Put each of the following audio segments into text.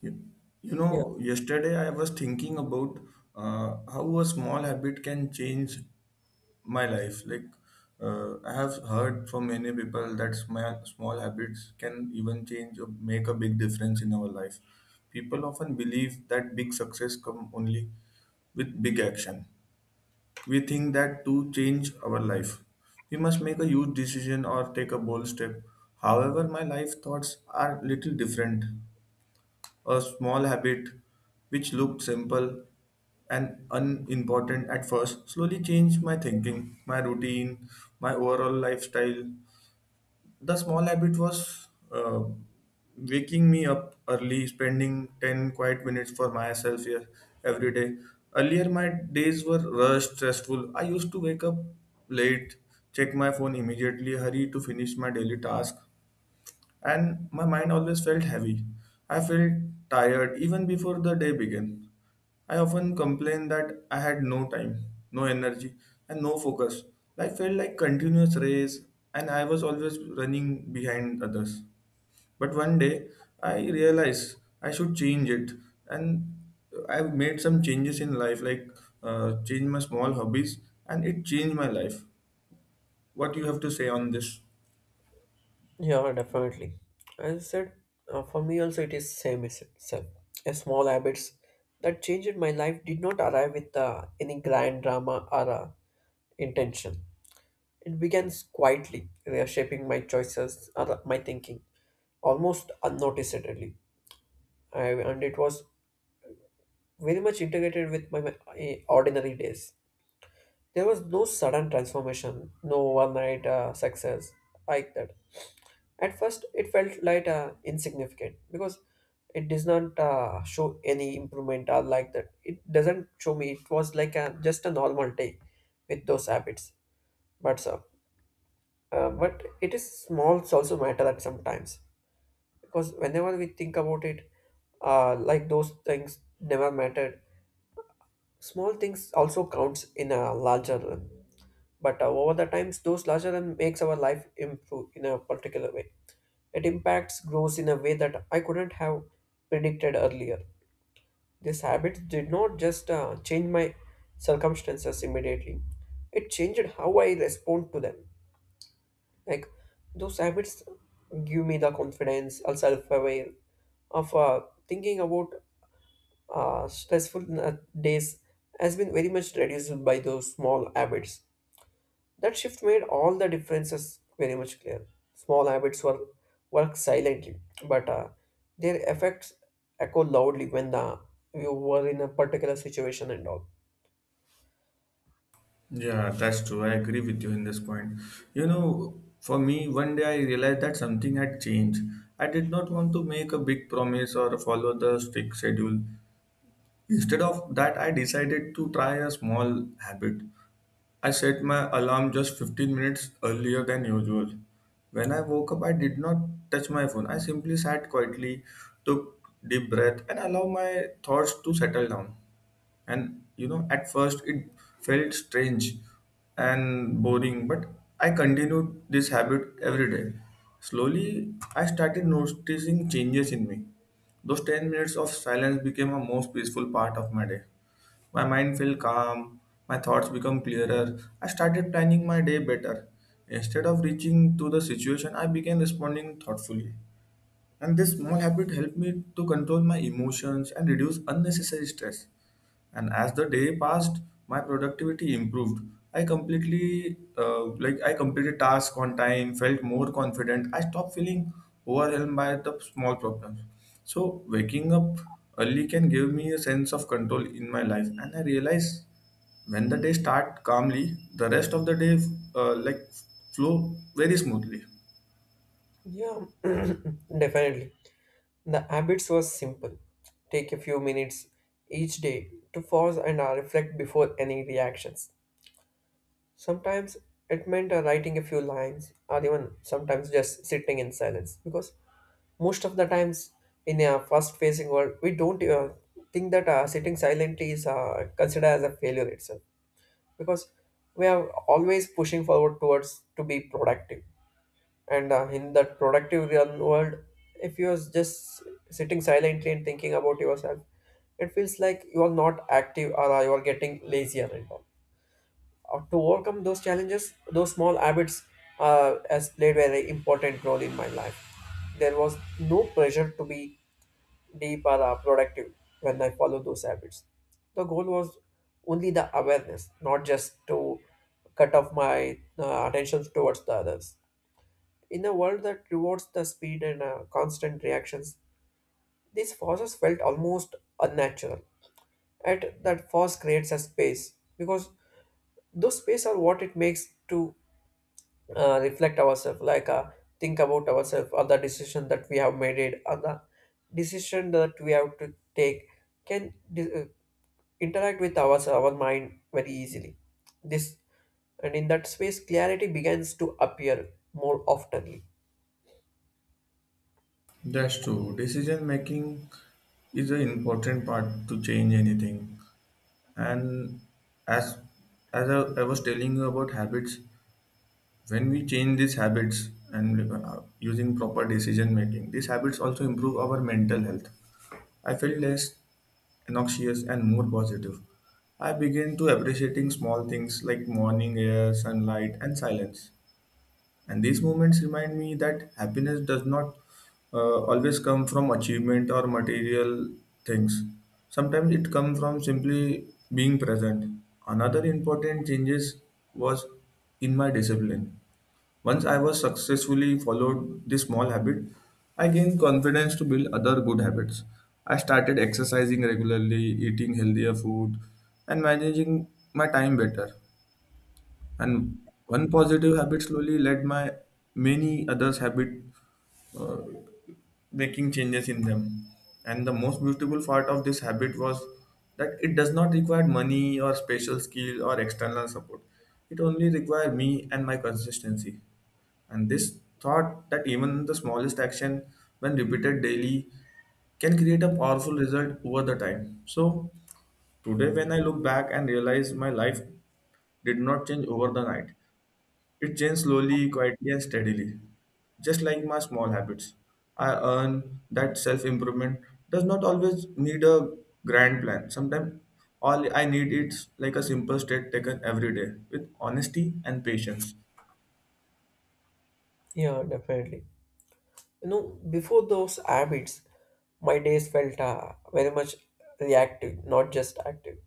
You, Yeah, Yesterday I was thinking about how a small habit can change my life. I have heard from many people that small habits can even change or make a big difference in our life. People often believe that big success come only with big action. We think that to change our life, we must make a huge decision or take a bold step. However, my life thoughts are little different a small habit which looked simple and unimportant at first slowly changed my thinking, my routine, my overall lifestyle. The small habit was waking me up early, spending 10 quiet minutes for myself here every day. Earlier, my days were rushed, stressful. I used to wake up late, check my phone immediately, hurry to finish my daily task and my mind always felt heavy. I felt tired even before the day began. I often complained that I had no time, no energy, and no focus. Life felt like continuous race, and I was always running behind others. But one day, I realized I should change it, and I made some changes in life, change my small hobbies, and it changed my life. What you have to say on this? yeah, definitely. As I said, for me also it is same as itself. A small habits that changed my life did not arrive with any grand drama or intention. It began quietly, reshaping my choices or my thinking, almost unnoticeably. And it was very much integrated with my ordinary days. There was no sudden transformation, no overnight success like that. At first, it felt like insignificant, because it does not show any improvement or like that. It doesn't show me. It was like just a normal day with those habits. But so, but it is smalls also matter at sometimes, because whenever we think about it, like those things never mattered. Small things also counts in a larger run. But over the times, those larger than makes our life improve in a particular way. It impacts growth in a way that I couldn't have predicted earlier. This habit did not just change my circumstances immediately, it changed how I respond to them. Like those habits give me the confidence, or self aware of thinking about stressful days has been very much reduced by those small habits. That shift made all the differences very much clear. Small habits work, work silently, but their effects echo loudly when you were in a particular situation and all. Yeah, that's true. I agree with you in this point. You know, for me, one day I realized that something had changed. I did not want to make a big promise or follow the strict schedule. Instead of that, I decided to try a small habit. I set my alarm just 15 minutes earlier than usual. When I woke up, I did not touch my phone. I simply sat quietly, took deep breath, and allowed my thoughts to settle down. And you know at first it felt strange and boring, but I continued this habit every day. Slowly I started noticing changes in me. Those 10 minutes of silence became a most peaceful part of my day. My mind felt calm, my thoughts become clearer. I started planning my day better. Instead of reaching to the situation, I began responding thoughtfully. And this small habit helped me to control my emotions and reduce unnecessary stress. And as the day passed, my productivity improved. I I completed tasks on time, felt more confident. I stopped feeling overwhelmed by the small problems. So, waking up early can give me a sense of control in my life. And I realize when the day start calmly, the rest of the day, uh, like, flow very smoothly. Yeah, definitely. The habits was simple. Take a few minutes each day to pause and reflect before any reactions. Sometimes it meant writing a few lines or even sometimes just sitting in silence, because most of the times in a fast-facing world, we don't think that sitting silently is considered as a failure itself, because we are always pushing forward towards to be productive. And in that productive real world, if you're just sitting silently and thinking about yourself, it feels like you are not active, or you are getting lazier and all. To overcome those challenges, those small habits has played very important role in my life. There was no pressure to be deep or productive when I follow those habits. The goal was only the awareness, not just to cut off my attention towards the others. In a world that rewards the speed and constant reactions, these forces felt almost unnatural. At that force creates a space, because those space are what it makes to reflect ourselves, like think about ourselves, or the decision that we have made it, or the decision that we have to take can interact with our mind very easily. This and in that space, clarity begins to appear more oftenly. That's true. Decision making is an important part to change anything. And as as I was telling you about habits, when we change these habits and using proper decision making, these habits also improve our mental health. I feel less noxious and more positive. I begin to appreciating small things like morning air, sunlight, and silence. And these moments remind me that happiness does not always come from achievement or material things. Sometimes it comes from simply being present. Another important changes was in my discipline. Once I was successfully followed this small habit, I gained confidence to build other good habits. I started exercising regularly, eating healthier food, and managing my time better and one positive habit slowly led my many others habit uh, making changes in them and the most beautiful part of this habit was that it does not require money or special skill or external support. It only requires me and my consistency and this thought that even the smallest action when repeated daily can create a powerful result over the time. So today when I look back and realize my life did not change over the night, it changed slowly, quietly, and steadily. Just like my small habits, I earn that self improvement does not always need a grand plan. Sometimes all I need is like a simple step taken every day with honesty and patience. Yeah, definitely. You know, before those habits, my days felt very much reactive, not just active.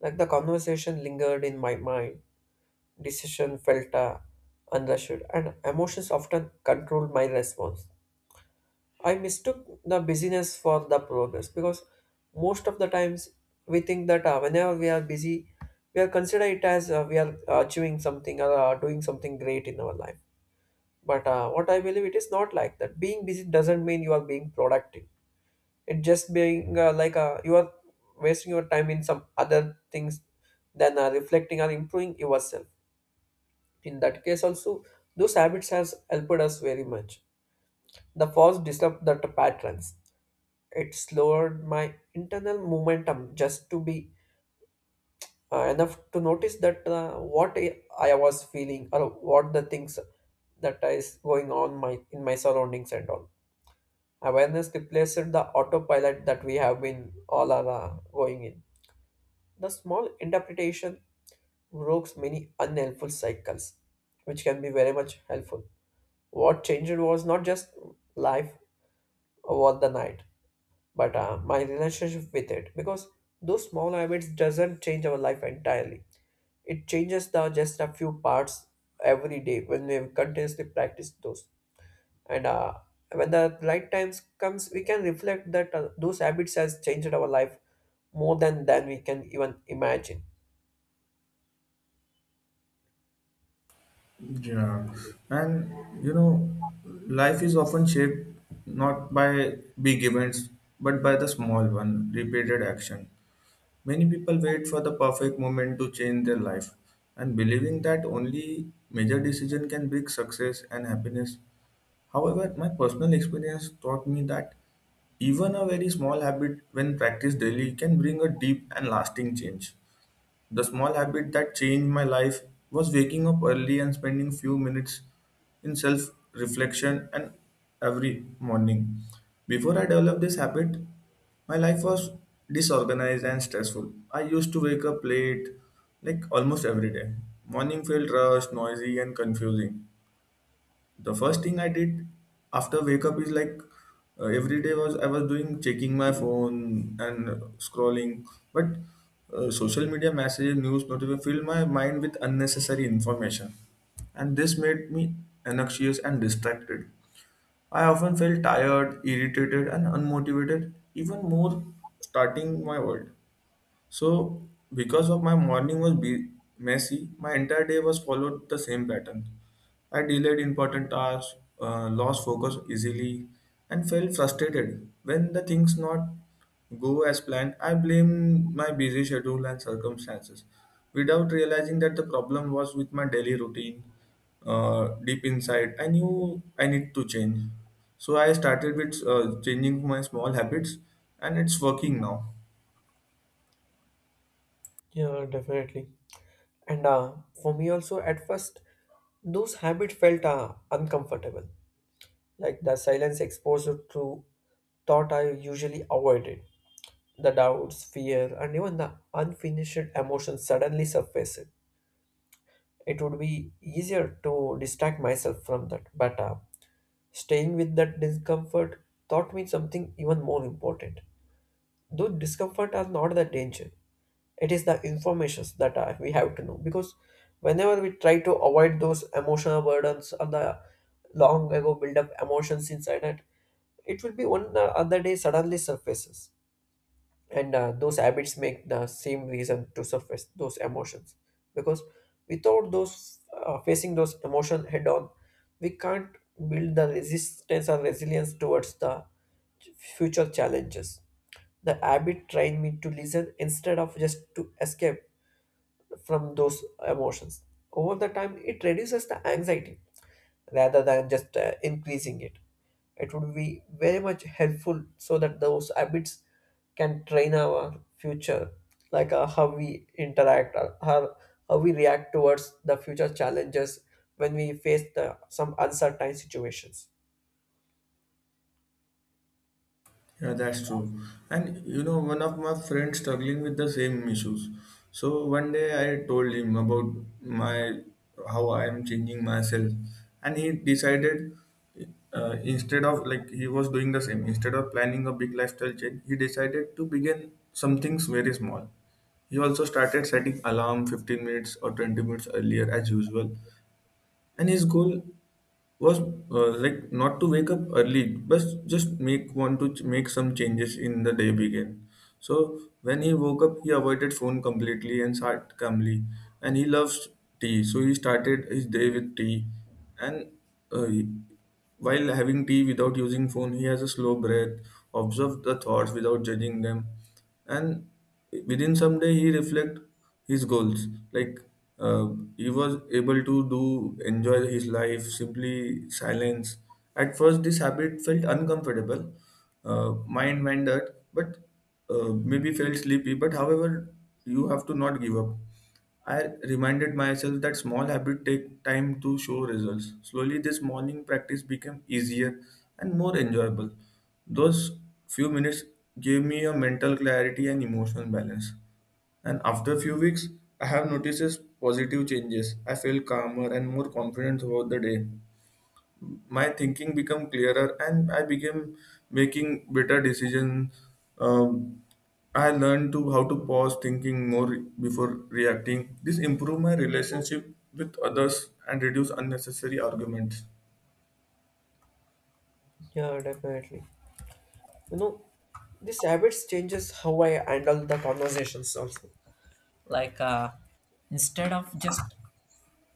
Like the conversation lingered in my mind, decision felt understood, and emotions often controlled my response. I mistook the busyness for the progress, because most of the times we think that whenever we are busy, we are consider it as we are achieving something or doing something great in our life. But what I believe it is not like that. Being busy doesn't mean you are being productive. It just being you are wasting your time in some other things than reflecting or improving yourself. In that case also, those habits has helped us very much. The first disrupt that patterns, it slowed my internal momentum just to be enough to notice that what I was feeling, or what the things that is going on my in my surroundings and all. Awareness replaced the autopilot that we have been all are going in. The small interpretation breaks many unhelpful cycles, which can be very much helpful. What changed was not just life over the night, but my relationship with it. Because those small habits doesn't change our life entirely. It changes the just a few parts every day when we continuously practice those. And when the right times comes, we can reflect that those habits has changed our life more than we can even imagine. Yeah, and you know, life is often shaped not by big events but by the small one, repeated action. Many people wait for the perfect moment to change their life, and believing that only major decision can bring success and happiness. However, my personal experience taught me that even a very small habit, when practiced daily, can bring a deep and lasting change. The small habit that changed my life was waking up early and spending few minutes in self reflection and every morning. Before I developed this habit, my life was disorganized and stressful. I used to wake up late, like almost every day. Morning felt rushed, noisy, and confusing. The first thing I did after wake up is every day was I was doing checking my phone and scrolling, but social media messages news notifications filled my mind with unnecessary information and this made me anxious and distracted. I often felt tired irritated and unmotivated even more starting my world. So, because of my morning was messy, my entire day was followed the same pattern. I delayed important tasks, lost focus easily, and felt frustrated when the things not go as planned. I blame my busy schedule and circumstances, without realizing that the problem was with my daily routine. Deep inside, I knew I need to change. So I started with changing my small habits, and it's working now. Yeah, definitely. And for me also, at first, those habits felt uncomfortable, like the silence exposed to thought I usually avoided. The doubts, fear, and even the unfinished emotions suddenly surfaced. It would be easier to distract myself from that, but staying with that discomfort taught me something even more important. Though discomfort are not the danger, it is the informations that we have to know, because whenever we try to avoid those emotional burdens or the long ago build up emotions inside it, it will be one other day suddenly surfaces. And those habits make the same reason to surface those emotions, because without those facing those emotion head on, we can't build the resistance or resilience towards the future challenges. The habit trained me to listen instead of just to escape from those emotions. Over the time, it reduces the anxiety rather than just increasing it. It would be very much helpful so that those habits can train our future, like how we interact, or how we react towards the future challenges when we face some uncertain situations. Yeah, that's true. And you know, one of my friends struggling with the same issues. So one day I told him about my how I am changing myself, and he decided instead of like he was doing the same. Instead of planning a big lifestyle change, he decided to begin something very small. He also started setting alarm 15 minutes or 20 minutes earlier as usual, and his goal was not to wake up early but just make want to make some changes in the day begin. So when he woke up he avoided phone completely and sat calmly and he loves tea, so he started his day with tea and uh, he- while having tea without using phone he has a slow breath, observe the thoughts without judging them. And within some day he reflect his goals uh, he was able to do enjoy his life simply silence. At first this habit felt uncomfortable, uh, mind wandered but maybe felt sleepy but however you have to not give up. I reminded myself that small habits take time to show results. Slowly, this morning practice became easier and more enjoyable. Those few minutes gave me a mental clarity and emotional balance. And after few weeks, I have noticed positive changes. I feel calmer and more confident throughout the day. My thinking become clearer and I became making better decisions. um, I learned to how to pause thinking more before reacting. This improve my relationship with others and reduce unnecessary arguments. Yeah, definitely. You know, this habits changes how I handle the conversations also. Like instead of just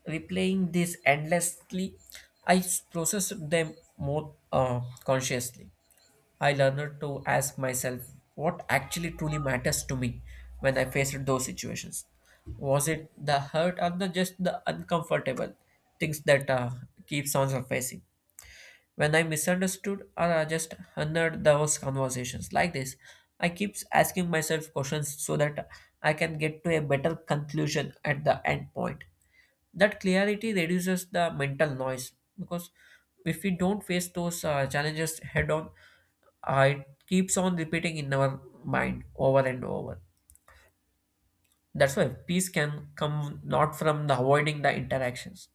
replaying this endlessly, I processed them more consciously. I learned to ask myself what actually truly matters to me when I faced those situations. Was it the hurt or the just the uncomfortable things that keeps on surfacing? When I misunderstood or I just honored those conversations like this, I keeps asking myself questions so that I can get to a better conclusion at the end point. That clarity reduces the mental noise, because if we don't face those challenges head on, it keeps on repeating in our mind over and over. That's why peace can come not from the avoiding the interactions,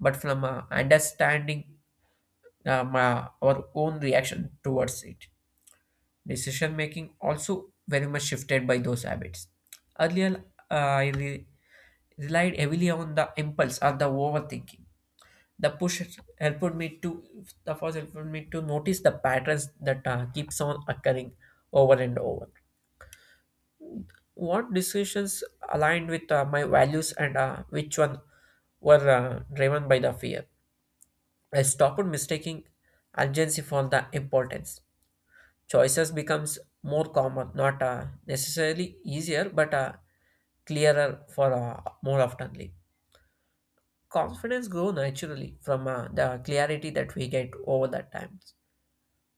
but from understanding our own reaction towards it. Decision making also very much shifted by those habits. Earlier, uh, i re- relied heavily on the impulse or the overthinking. The push helped me to, the force helped me to notice the patterns that keeps on occurring over and over. What decisions aligned with my values, and which one were driven by the fear. I stopped mistaking urgency for the importance. Choices becomes more common, not necessarily easier, but clearer for more oftenly. Confidence grow naturally from the clarity that we get over that time.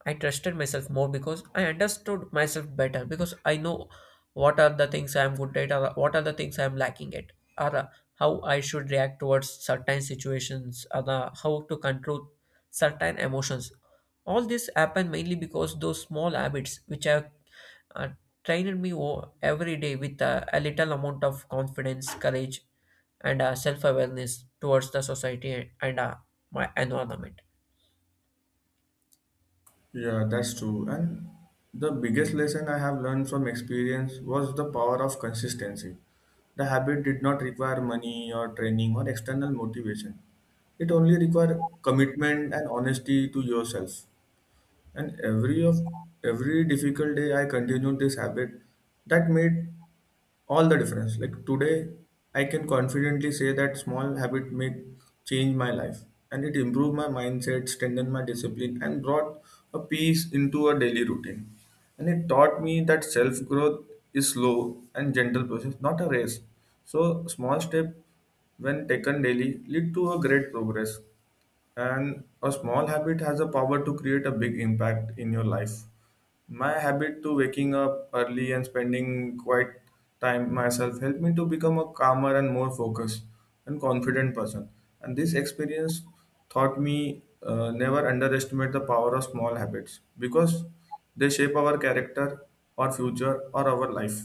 I trusted myself more because I understood myself better, because I know what are the things I'm good at, or what are the things I'm lacking at, or how I should react towards certain situations, or how to control certain emotions. All this happened mainly because those small habits which have uh, trained me every day with a little amount of confidence, courage, and self awareness towards the society and my environment. Yeah that's true and the biggest lesson I have learned from experience was the power of consistency. The habit did not require money or training or external motivation. It only requires commitment and honesty to yourself. And every difficult day I continued this habit that made all the difference. Like today I can confidently say that small habit make change my life and it improved my mindset, strengthened my discipline and brought a peace into a daily routine. And it taught me that self growth is slow and gentle process, not a race. So small step when taken daily lead to a great progress and a small habit has the power to create a big impact in your life. My habit to waking up early and spending quite time myself helped me to become a calmer and more focused and confident person. And this experience taught me never underestimate the power of small habits because they shape our character, our future, or our life.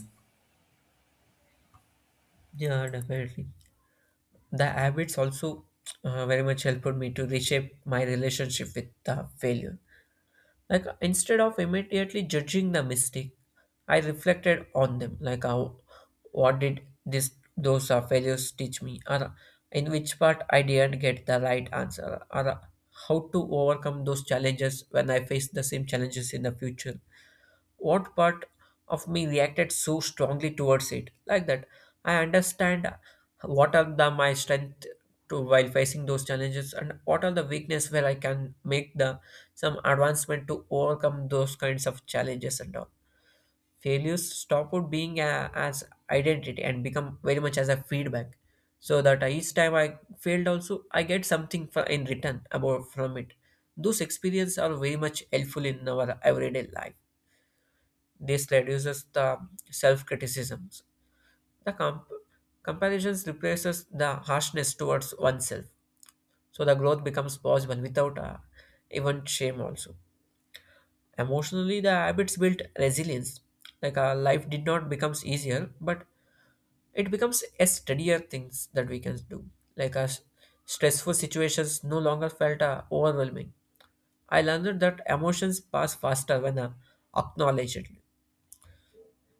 Yeah, definitely. The habits also very much helped me to reshape my relationship with the failure, like instead of immediately judging the mistake, I reflected on them, like how, what did this those failures teach me, or in which part I didn't get the right answer, or how to overcome those challenges when I face the same challenges in the future, what part of me reacted so strongly towards it like that. I understand what are the my strength to while facing those challenges, and what are the weakness where I can make the some advancement to overcome those kinds of challenges and all. Failures stop out being as identity and become very much as a feedback, so that each time I failed also I get something in return about from it. Those experiences are very much helpful in our everyday life. This reduces the self-criticisms. The comparisons replaces the harshness towards oneself. So the growth becomes possible without even shame also. Emotionally, the habits built resilience. Like life did not becomes easier, but it becomes a steadier things that we can do. Like stressful situations no longer felt overwhelming. I learned that emotions pass faster when acknowledged.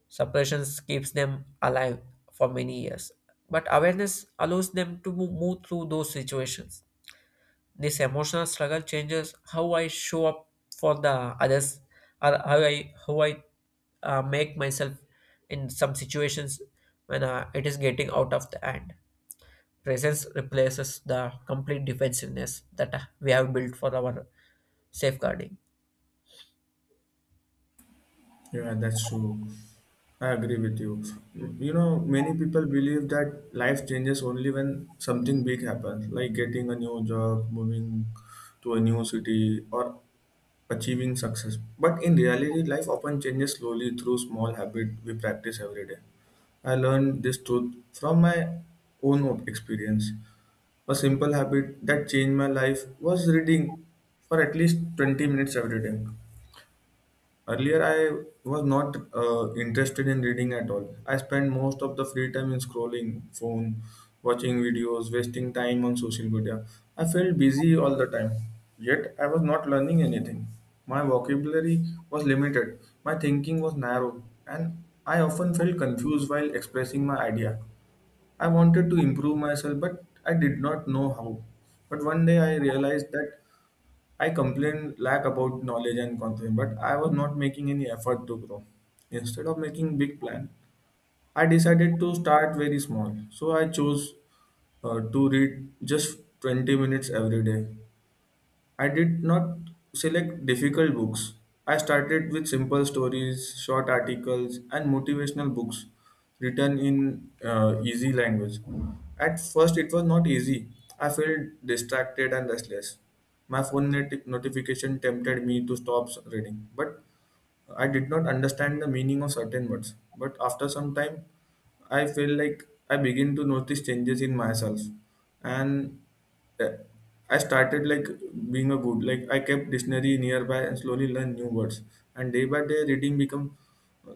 Suppressions keeps them alive for many years, but awareness allows them to move through those situations. This emotional struggle changes how I show up for the others, or how I make myself in some situations when it is getting out of the hand. Presence replaces the complete defensiveness that we have built for our safeguarding. Yeah, that's true. I agree with you. You know, many people believe that life changes only when something big happens, like getting a new job, moving to a new city, or achieving success. But in reality, life often changes slowly through small habits we practice every day. I learned this truth from my own experience. A simple habit that changed my life was reading for at least 20 minutes every day. Earlier, I was not interested in reading at all. I spent most of the free time in scrolling phone, watching videos, wasting time on social media. I felt busy all the time, yet I was not learning anything. My vocabulary was limited, my thinking was narrow, and I often felt confused while expressing my idea. I wanted to improve myself, but I did not know how. But one day I realized that I complained lack about knowledge and confidence, but I was not making any effort to grow. Instead of making big plan, I decided to start very small. So I chose to read just 20 minutes every day. I did not select difficult books. I started with simple stories, short articles, and motivational books written in easy language. At first, it was not easy. I felt distracted and restless. My phone notification tempted me to stop reading, but I did not understand the meaning of certain words. But after some time, I feel like I begin to notice changes in myself, and uh, I started being a good like I kept dictionary nearby and slowly learned new words. And day by day, reading become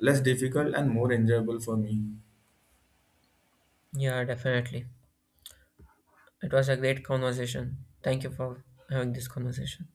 less difficult and more enjoyable for me. Yeah, definitely. It was a great conversation. Thank you for having this conversation.